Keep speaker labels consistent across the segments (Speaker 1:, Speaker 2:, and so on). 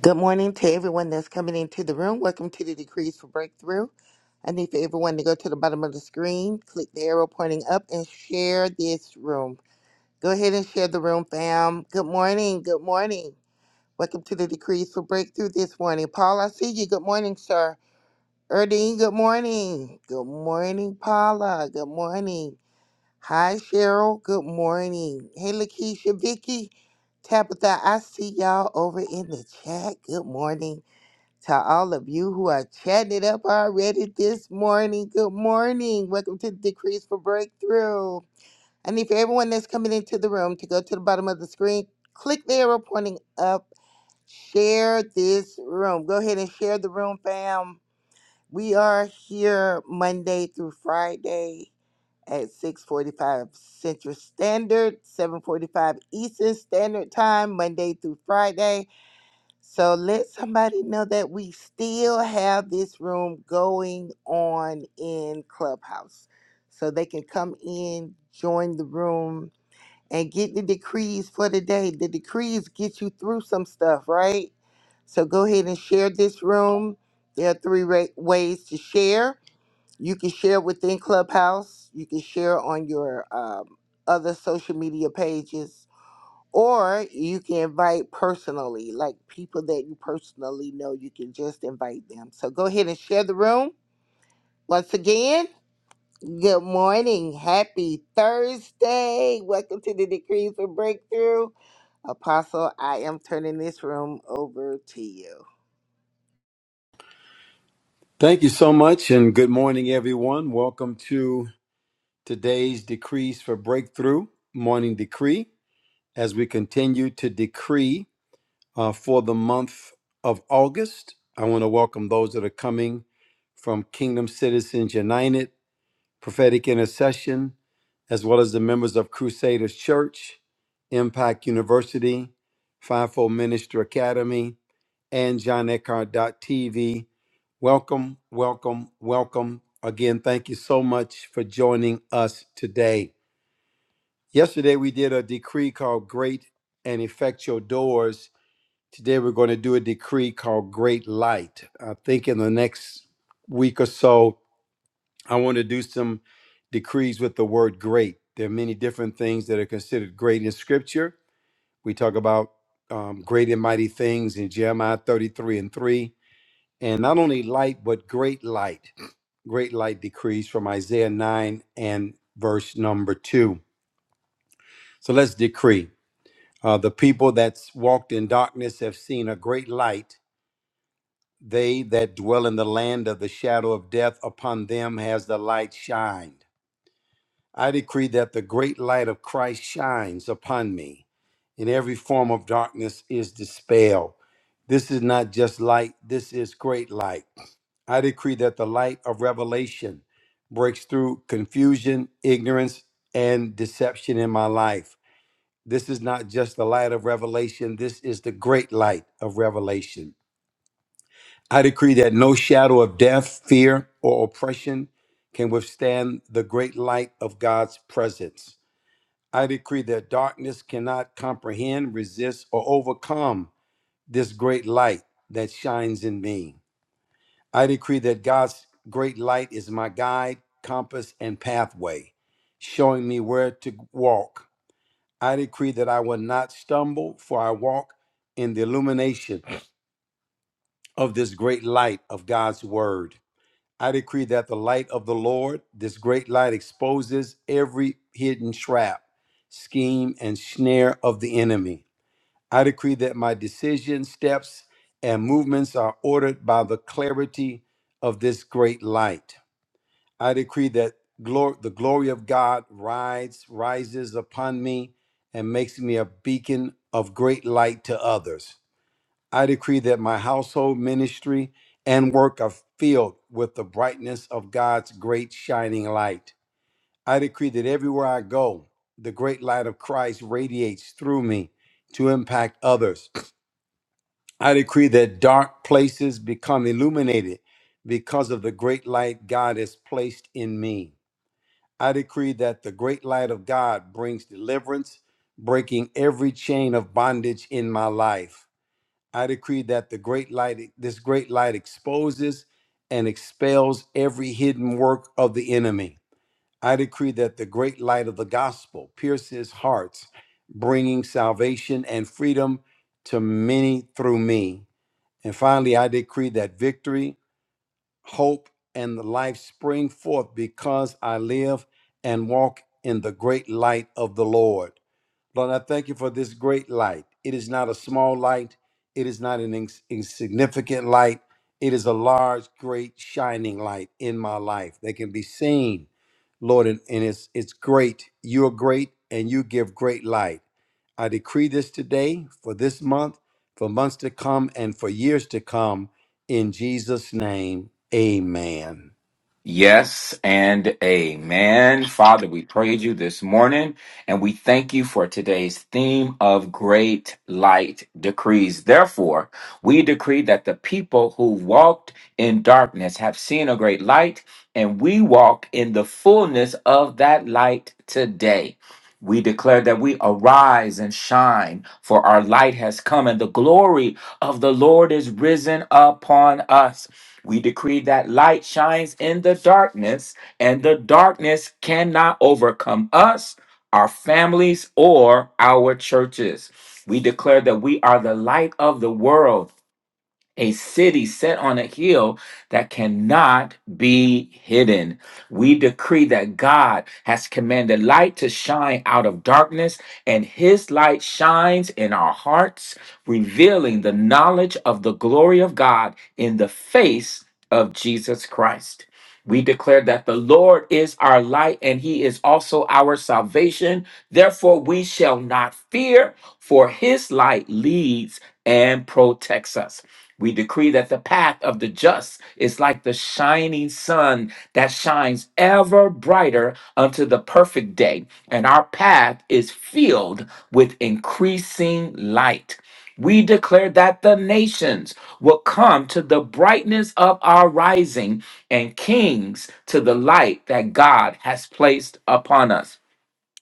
Speaker 1: Good morning to everyone that's coming into the room. Welcome to the Decrees for Breakthrough. I need for everyone to go to the bottom of the screen, click the arrow pointing up, and share this room. Go ahead and share the room, fam. Good morning. Good morning. Welcome to the Decrees for Breakthrough this morning. Paul, I see you. Good morning, sir. Erdine, good morning. Good morning, Paula. Good morning. Hi, Cheryl. Good morning. Hey, Lakeisha, Vicky, Tabitha, I see y'all over in the chat. Good morning. To all of you who are chatting it up already this morning, good morning. Welcome to Decrees for Breakthrough. I need for everyone that's coming into the room to go to the bottom of the screen, click the arrow pointing up, share this room. Go ahead and share the room, fam. We are here Monday through Friday at 6:45 Central Standard, 7:45 Eastern Standard Time, Monday through Friday. So let somebody know that we still have this room going on in Clubhouse. So they can come in, join the room, and get the decrees for the day. The decrees get you through some stuff, right? So go ahead and share this room. There are three ra- ways to share. You can share within Clubhouse, you can share on your um, other social media pages or you can invite personally, like people that you personally know, you can just invite them. So go ahead and share the room. Once again, good morning. Happy Thursday. Welcome to the Decrees for Breakthrough. Apostle, I am turning this room over to you.
Speaker 2: Thank you so much, and good morning, everyone. Welcome to today's Decrees for Breakthrough Morning Decree as we continue to decree uh, for the month of August. I want to welcome those that are coming from Kingdom Citizens United prophetic intercession, as well as the members of Crusaders Church, Impact University, Fivefold Minister Academy, and John Eckhart TV. Welcome, welcome, welcome. Again, thank you so much for joining us today. Yesterday, we did a decree called Great and Effectual Doors. Today, we're going to do a decree called Great Light. I think in the next week or so, I want to do some decrees with the word great. There are many different things that are considered great in Scripture. We talk about um, great and mighty things in Jeremiah 33 and 3, and not only light, but great light. Great light decrees from Isaiah 9 and verse number 2. So let's decree. Uh, the people that's walked in darkness have seen a great light. They that dwell in the land of the shadow of death, upon them has the light shined. I decree that the great light of Christ shines upon me, and every form of darkness is dispelled. This is not just light, this is great light. I decree that the light of revelation breaks through confusion, ignorance, and deception in my life. This is not just the light of revelation, this is the great light of revelation. I decree that no shadow of death, fear, or oppression can withstand the great light of God's presence. I decree that darkness cannot comprehend, resist, or overcome this great light that shines in me. I decree that God's great light is my guide, compass, and pathway, showing me where to walk. I decree that I will not stumble, for I walk in the illumination of this great light of God's word. I decree that the light of the Lord, this great light, exposes every hidden trap, scheme, and snare of the enemy. I decree that my decisions, steps, and movements are ordered by the clarity of this great light. I decree that glor- the glory of God rides, rises upon me and makes me a beacon of great light to others. I decree that my household ministry and work are filled with the brightness of God's great shining light. I decree that everywhere I go, the great light of Christ radiates through me to impact others I decree that dark places become illuminated because of the great light God has placed in me. I decree that the great light of God brings deliverance, breaking every chain of bondage in my life. I decree that the great light this great light exposes and expels every hidden work of the enemy. I decree that the great light of the gospel pierces hearts, bringing salvation and freedom to many through me. And finally, I decree that victory, hope, and the life spring forth because I live and walk in the great light of the Lord. Lord, I thank you for this great light. It is not a small light, it is not an ins- insignificant light. It is a large, great, shining light in my life that can be seen, Lord, and, and it's, it's great. You're great, and you give great light. I decree this today, for this month, for months to come, and for years to come. In Jesus' name, amen.
Speaker 3: Yes and amen. Father, we praise you this morning and we thank you for today's theme of great light decrees. Therefore, we decree that the people who walked in darkness have seen a great light and we walk in the fullness of that light today. We declare that we arise and shine, for our light has come, and the glory of the Lord is risen upon us. We decree that light shines in the darkness, and the darkness cannot overcome us, our families, or our churches. We declare that we are the light of the world a city set on a hill that cannot be hidden. We decree that God has commanded light to shine out of darkness, and his light shines in our hearts, revealing the knowledge of the glory of God in the face of Jesus Christ. We declare that the Lord is our light and he is also our salvation. Therefore, we shall not fear, for his light leads and protects us. We decree that the path of the just is like the shining sun that shines ever brighter unto the perfect day, and our path is filled with increasing light. We declare that the nations will come to the brightness of our rising and kings to the light that God has placed upon us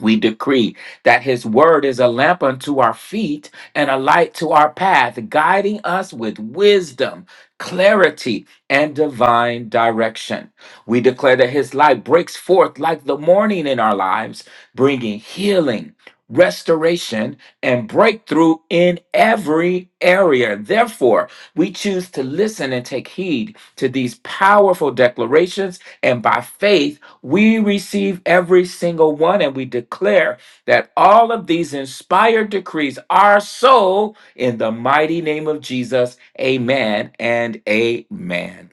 Speaker 3: we decree that his word is a lamp unto our feet and a light to our path, guiding us with wisdom, clarity, and divine direction. We declare that his light breaks forth like the morning in our lives, bringing healing, restoration, and breakthrough in every area. Therefore, we choose to listen and take heed to these powerful declarations and by faith we receive every single one, and we declare that all of these inspired decrees are so in the mighty name of Jesus. Amen and amen.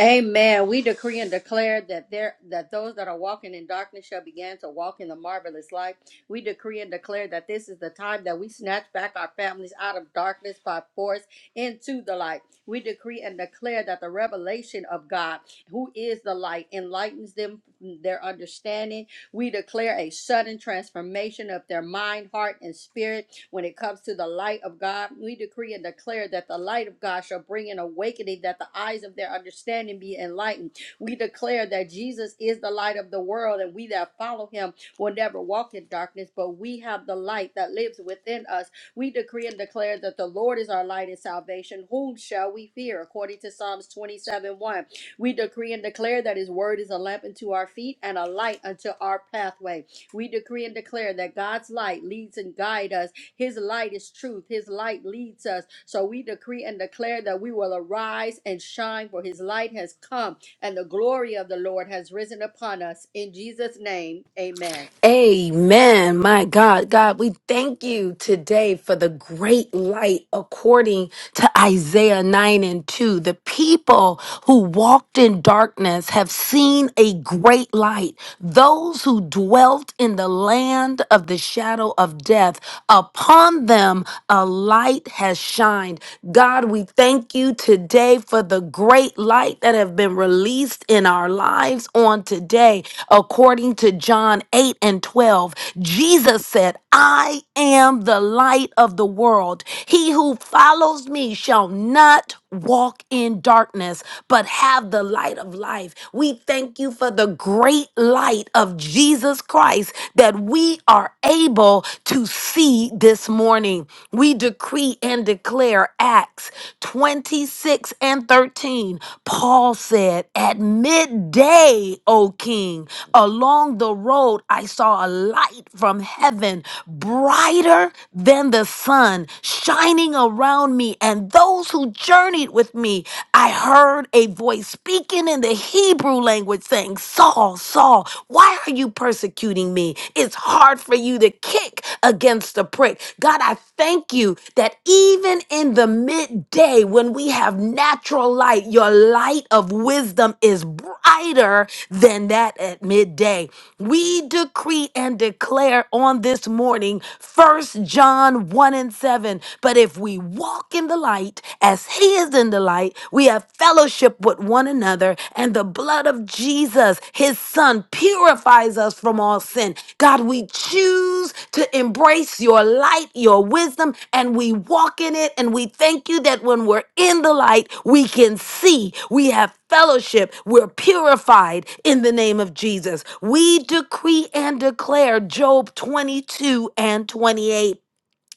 Speaker 4: Amen. We decree and declare that there that those that are walking in darkness shall begin to walk in the marvelous light. We decree and declare that this is the time that we snatch back our families out of darkness by force into the light. We decree and declare that the revelation of God, who is the light, enlightens them their understanding we declare a sudden transformation of their mind, heart, and spirit when it comes to the light of God. We decree and declare that the light of God shall bring an awakening, that the eyes of their understanding be enlightened. We declare that Jesus is the light of the world, and we that follow him will never walk in darkness, but we have the light that lives within us. We decree and declare that the Lord is our light and salvation. Whom shall we fear? According to Psalms 27 1. We decree and declare that His word is a lamp unto our feet and a light unto our pathway. We decree and declare that God's light leads and guides us. His light is truth. His light leads us. So we decree and declare that we will arise and shine, for His light has come and the glory of the Lord has risen upon us. In Jesus' name, amen.
Speaker 5: Amen. My God, God, we thank you today for the great light according to Isaiah 9 and 2. The people who walked in darkness have seen a great light. Those who dwelt in the land of the shadow of death, upon them a light has shined. God, we thank you today for the great light light that have been released in our lives on today. According to John 8 and 12, Jesus said, I am the light of the world. He who follows me shall not walk in darkness, but have the light of life. We thank you for the great light of Jesus Christ that we are able to see this morning. We decree and declare Acts 26 and 13. Paul said, At midday, O king, along the road I saw a light from heaven, brighter than the sun, shining around me and those who journeyed with me. I heard a voice speaking in the Hebrew language saying, 'Saul, Saul, why are you? are you persecuting me? It's hard for you to kick against the prick. God, I thank you that even in the midday when we have natural light, your light of wisdom is brighter than that at midday. We decree and declare on this morning, First John 1 and 7. But if we walk in the light as he is in the light, we we have fellowship with one another, and the blood of Jesus, his son, purifies us from all sin. God, we choose to embrace your light, your wisdom, and we walk in it. And we thank you that when we're in the light, we can see. We have fellowship. We're purified in the name of Jesus. We decree and declare Job 22 and 28.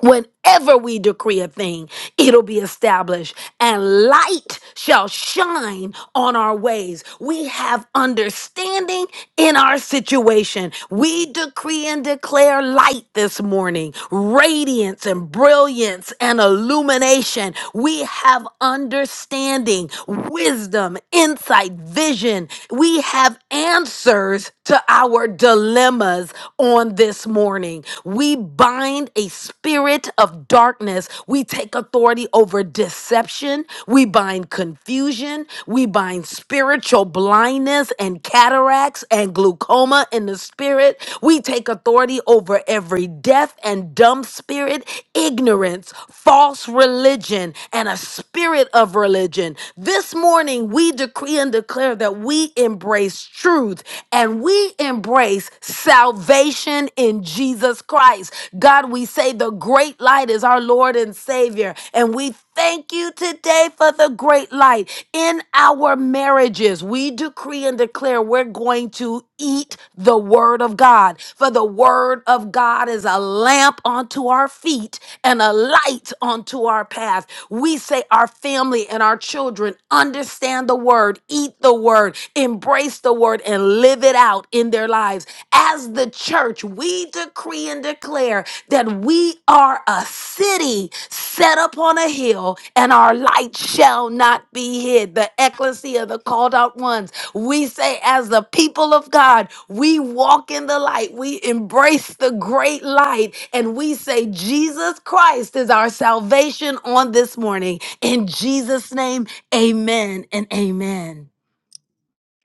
Speaker 5: Whenever we decree a thing, it'll be established, and light shall shine on our ways. We have understanding in our situation. We decree and declare light this morning, radiance and brilliance and illumination. We have understanding, wisdom, insight, vision. We have answers answers to our dilemmas on this morning. We bind a spirit of darkness. We take authority over deception. We bind confusion. We bind spiritual blindness and cataracts and glaucoma in the spirit. We take authority over every deaf and dumb spirit, ignorance, false religion, and a spirit spirit of religion. This morning, we decree and declare that we embrace truth and we embrace salvation in Jesus Christ. God, we say the great light is our Lord and Savior, and we thank you today for the great light in our marriages. We decree and declare we're going to eat the word of God, for the word of God. God is a lamp unto our feet and a light unto our path. We say our family and our children understand the word, eat the word, embrace the word, and live it out in their lives. As the church, we decree and declare that we are a city set upon a hill and our light shall not be hid. The ecclesia, the called out ones we say, as the people of God, we walk in the light, we embrace the great light, and we say, Jesus Christ is our salvation on this morning. In Jesus' name, amen and amen.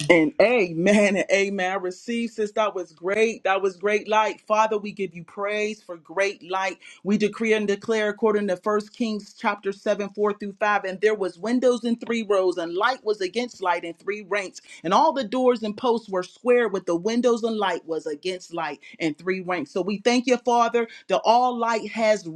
Speaker 6: And amen and amen. I receive, sis. That was great. That was great light. Father, we give you praise for great light we decree and declare according to First Kings chapter 7, 4 through 5, and there was windows in three rows, and light was against light in three ranks, and all the doors and posts were square with the windows and light was against light in three ranks. So we thank you, Father, that all light has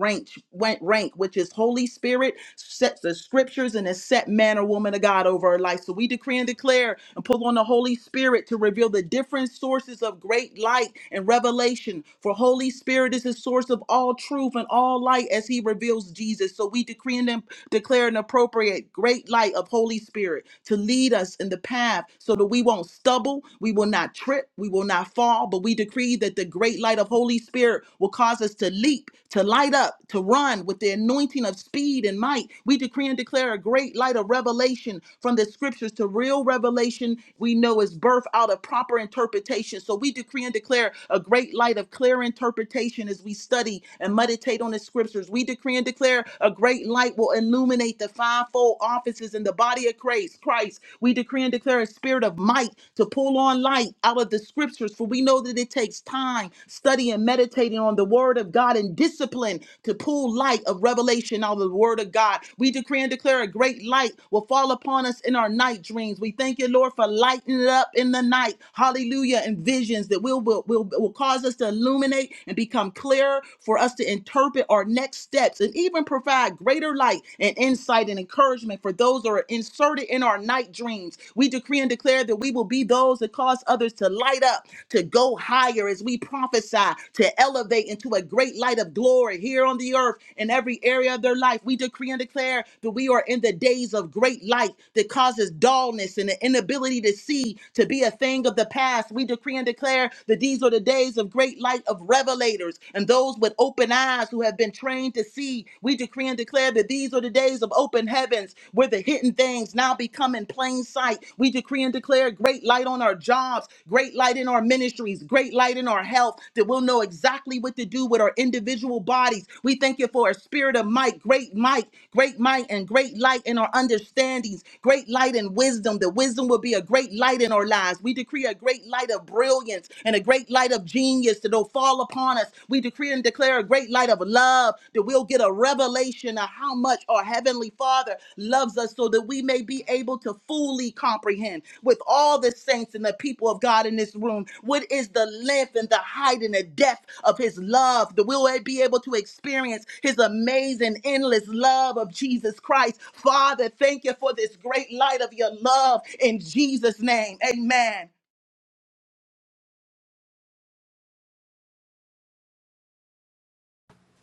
Speaker 6: rank, rank, which is Holy Spirit, sets the scriptures in a set manner, woman of God, over our life. So we decree and declare and pull on the Holy Spirit to reveal the different sources of great light and revelation. For Holy Spirit is the source source of all truth and all light as he reveals Jesus. So we decree and declare an appropriate great light of Holy Spirit to lead us in the path so that we won't stumble, we will not trip, we will not fall, but we decree that the great light of Holy Spirit will cause us to leap, to light up, to run with the anointing of speed and might. We decree and declare a great light of revelation from the scriptures to real revelation we know is birth out of proper interpretation. So we decree and declare a great light of clear interpretation interpretation as we study and meditate on the scriptures. We decree and declare a great light will illuminate the fivefold offices in the body of Christ. Christ, we decree and declare a spirit of might to pull on light out of the scriptures, for we know that it takes time study, and meditating on the word of God and discipline to pull light of revelation out of the word of God. We decree and declare a great light will fall upon us in our night dreams. We thank you, Lord, for lighting it up in the night. Hallelujah. And visions that will will will, will cause cause us to illuminate and become clearer for us to interpret our next steps and even provide greater light and insight and encouragement for those that are inserted in our night dreams. We decree and declare that we will be those that cause others to light up, to go higher as we prophesy, to elevate into a great light of glory here on the earth in every area of their life. We decree and declare that we are in the days of great light that causes dullness and the inability to see to be a thing of the past. We decree and declare that these are the days of great light of revelators and those with open eyes who have been trained to see. We decree and declare that these are the days of open heavens where the hidden things now become in plain sight. We decree and declare great light on our jobs, great light in our ministries, great light in our health, that we'll know exactly what to do with our individual bodies. We thank you for a spirit of might, great might, great might, and great light in our understandings, great light and wisdom. The wisdom will be a great light in our lives. We decree a great light of of brilliance and a great light of genius that'll fall upon us. We decree and declare a great light of love that we'll get a revelation of how much our Heavenly Father loves us so that we may be able to fully comprehend with all the saints and the people of God in this room what is the length and the height and the depth of His love that we'll be able to experience His amazing, endless love of Jesus Christ. Father, thank you for this great light of your love in Jesus' name. Amen.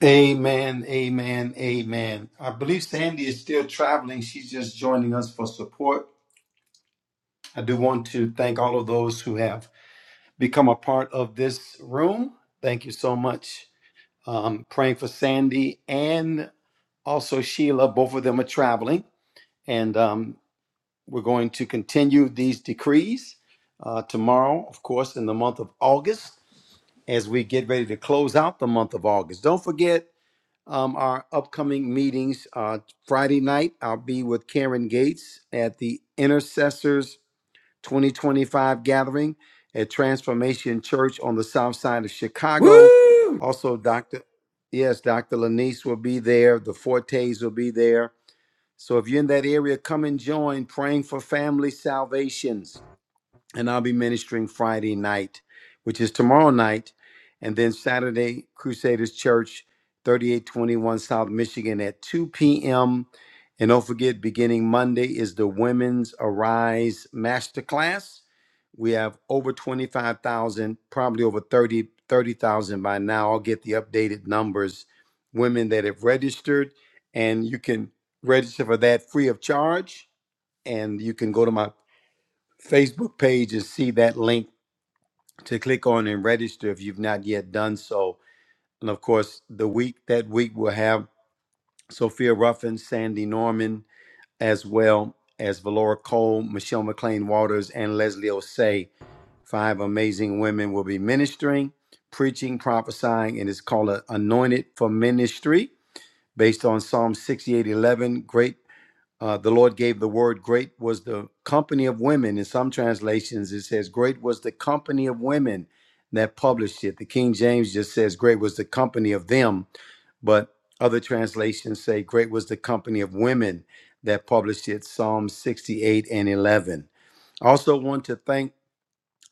Speaker 2: Amen, amen, amen. I believe Sandy is still traveling. She's just joining us for support. I do want to thank all of those who have become a part of this room. Thank you so much. Um, praying for Sandy and also Sheila. Both of them are traveling, and um, we're going to continue these decrees uh, tomorrow, of course, in the month of August, as we get ready to close out the month of August. Don't forget. um, our upcoming meetings. Uh, Friday night, I'll be with Karen Gates at the Intercessors 2025 gathering at Transformation Church on the south side of Chicago.
Speaker 3: Woo!
Speaker 2: Also, Dr. Yes, Dr. Lanice will be there. The Fortes will be there. So if you're in that area, come and join praying for family salvations and I'll be ministering Friday night, which is tomorrow night, and then Saturday, Crusaders Church, 3821 South Michigan at 2 p.m. And don't forget, beginning Monday is the Women's Arise Masterclass. We have over 25,000, probably over 30 30,000 by now. I'll get the updated numbers, women that have registered, and you can register for that free of charge. And you can go to my Facebook page and see that link to click on and register if you've not yet done so. And of course, the week that week we'll have Sophia Ruffin, Sandy Norman, as well as Valora Cole, Michelle McLean Waters, and Leslie Osei. Five amazing women will be ministering, preaching, prophesying, and it's called a Anointed for Ministry based on Psalm 68:11. Great uh, the Lord gave the word, great was the company of women. In some translations, it says, great was the company of women that published it. The King James just says, great was the company of them. But other translations say, great was the company of women that published it. Psalm 68 and 11. I also want to thank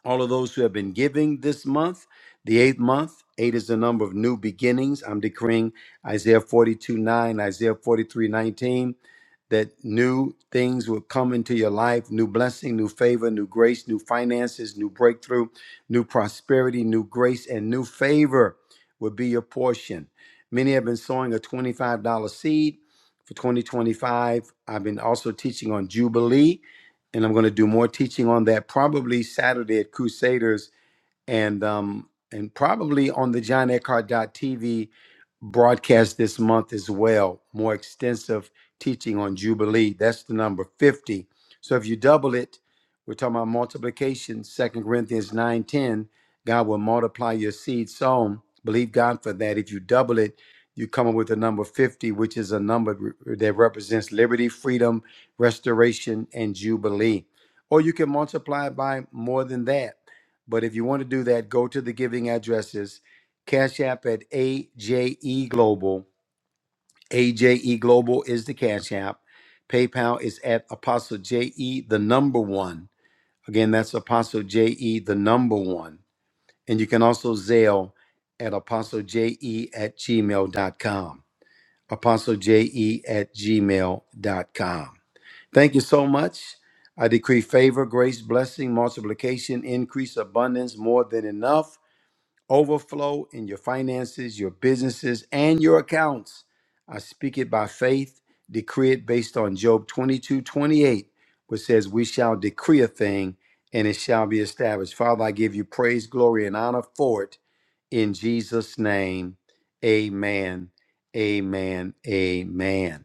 Speaker 2: all of those who have been giving this month, the eighth month. Eight is the number of new beginnings. I'm decreeing Isaiah 42 9, Isaiah 43:19, that new things will come into your life new blessing, new favor, new grace, new finances, new breakthrough, new prosperity, new grace, and new favor will be your portion. Many have been sowing a $25 seed for 2025. I've been also teaching on Jubilee and I'm going to do more teaching on that probably Saturday at Crusaders and um and probably on the John Eckhart TV broadcast this month as well. More extensive teaching on Jubilee. That's the number 50. So if you double it, we're talking about multiplication, Second Corinthians 9 10. God will multiply your seed sown. Believe God for that. If you double it, you come up with the number 50, which is a number that represents liberty, freedom, restoration, and jubilee. Or you can multiply it by more than that but if you want to do that, go to the giving addresses. Cash App at AJE Global. AJE Global is the Cash App. PayPal is at Apostle JE, the number one. Again, that's Apostle JE, the number one. And you can also Zelle at Apostle JE at Gmail dot com. Apostle JE at Gmail dot com. Thank you so much. I decree favor, grace, blessing, multiplication, increase, abundance, more than enough overflow in your finances, your businesses, and your accounts. I speak it by faith, decree it based on Job 22:28, which says, We shall decree a thing and it shall be established. Father, I give you praise, glory, and honor for it. In Jesus' name, amen, amen, amen.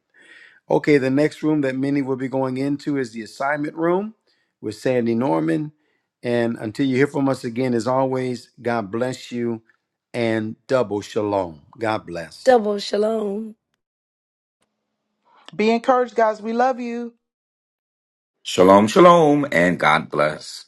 Speaker 2: Okay, the next room that many will be going into is the assignment room with Sandy Norman. And until you hear from us again, as always, God bless you and double shalom. God bless.
Speaker 5: Double shalom.
Speaker 6: Be encouraged, guys. We love you.
Speaker 3: Shalom, shalom, and God bless.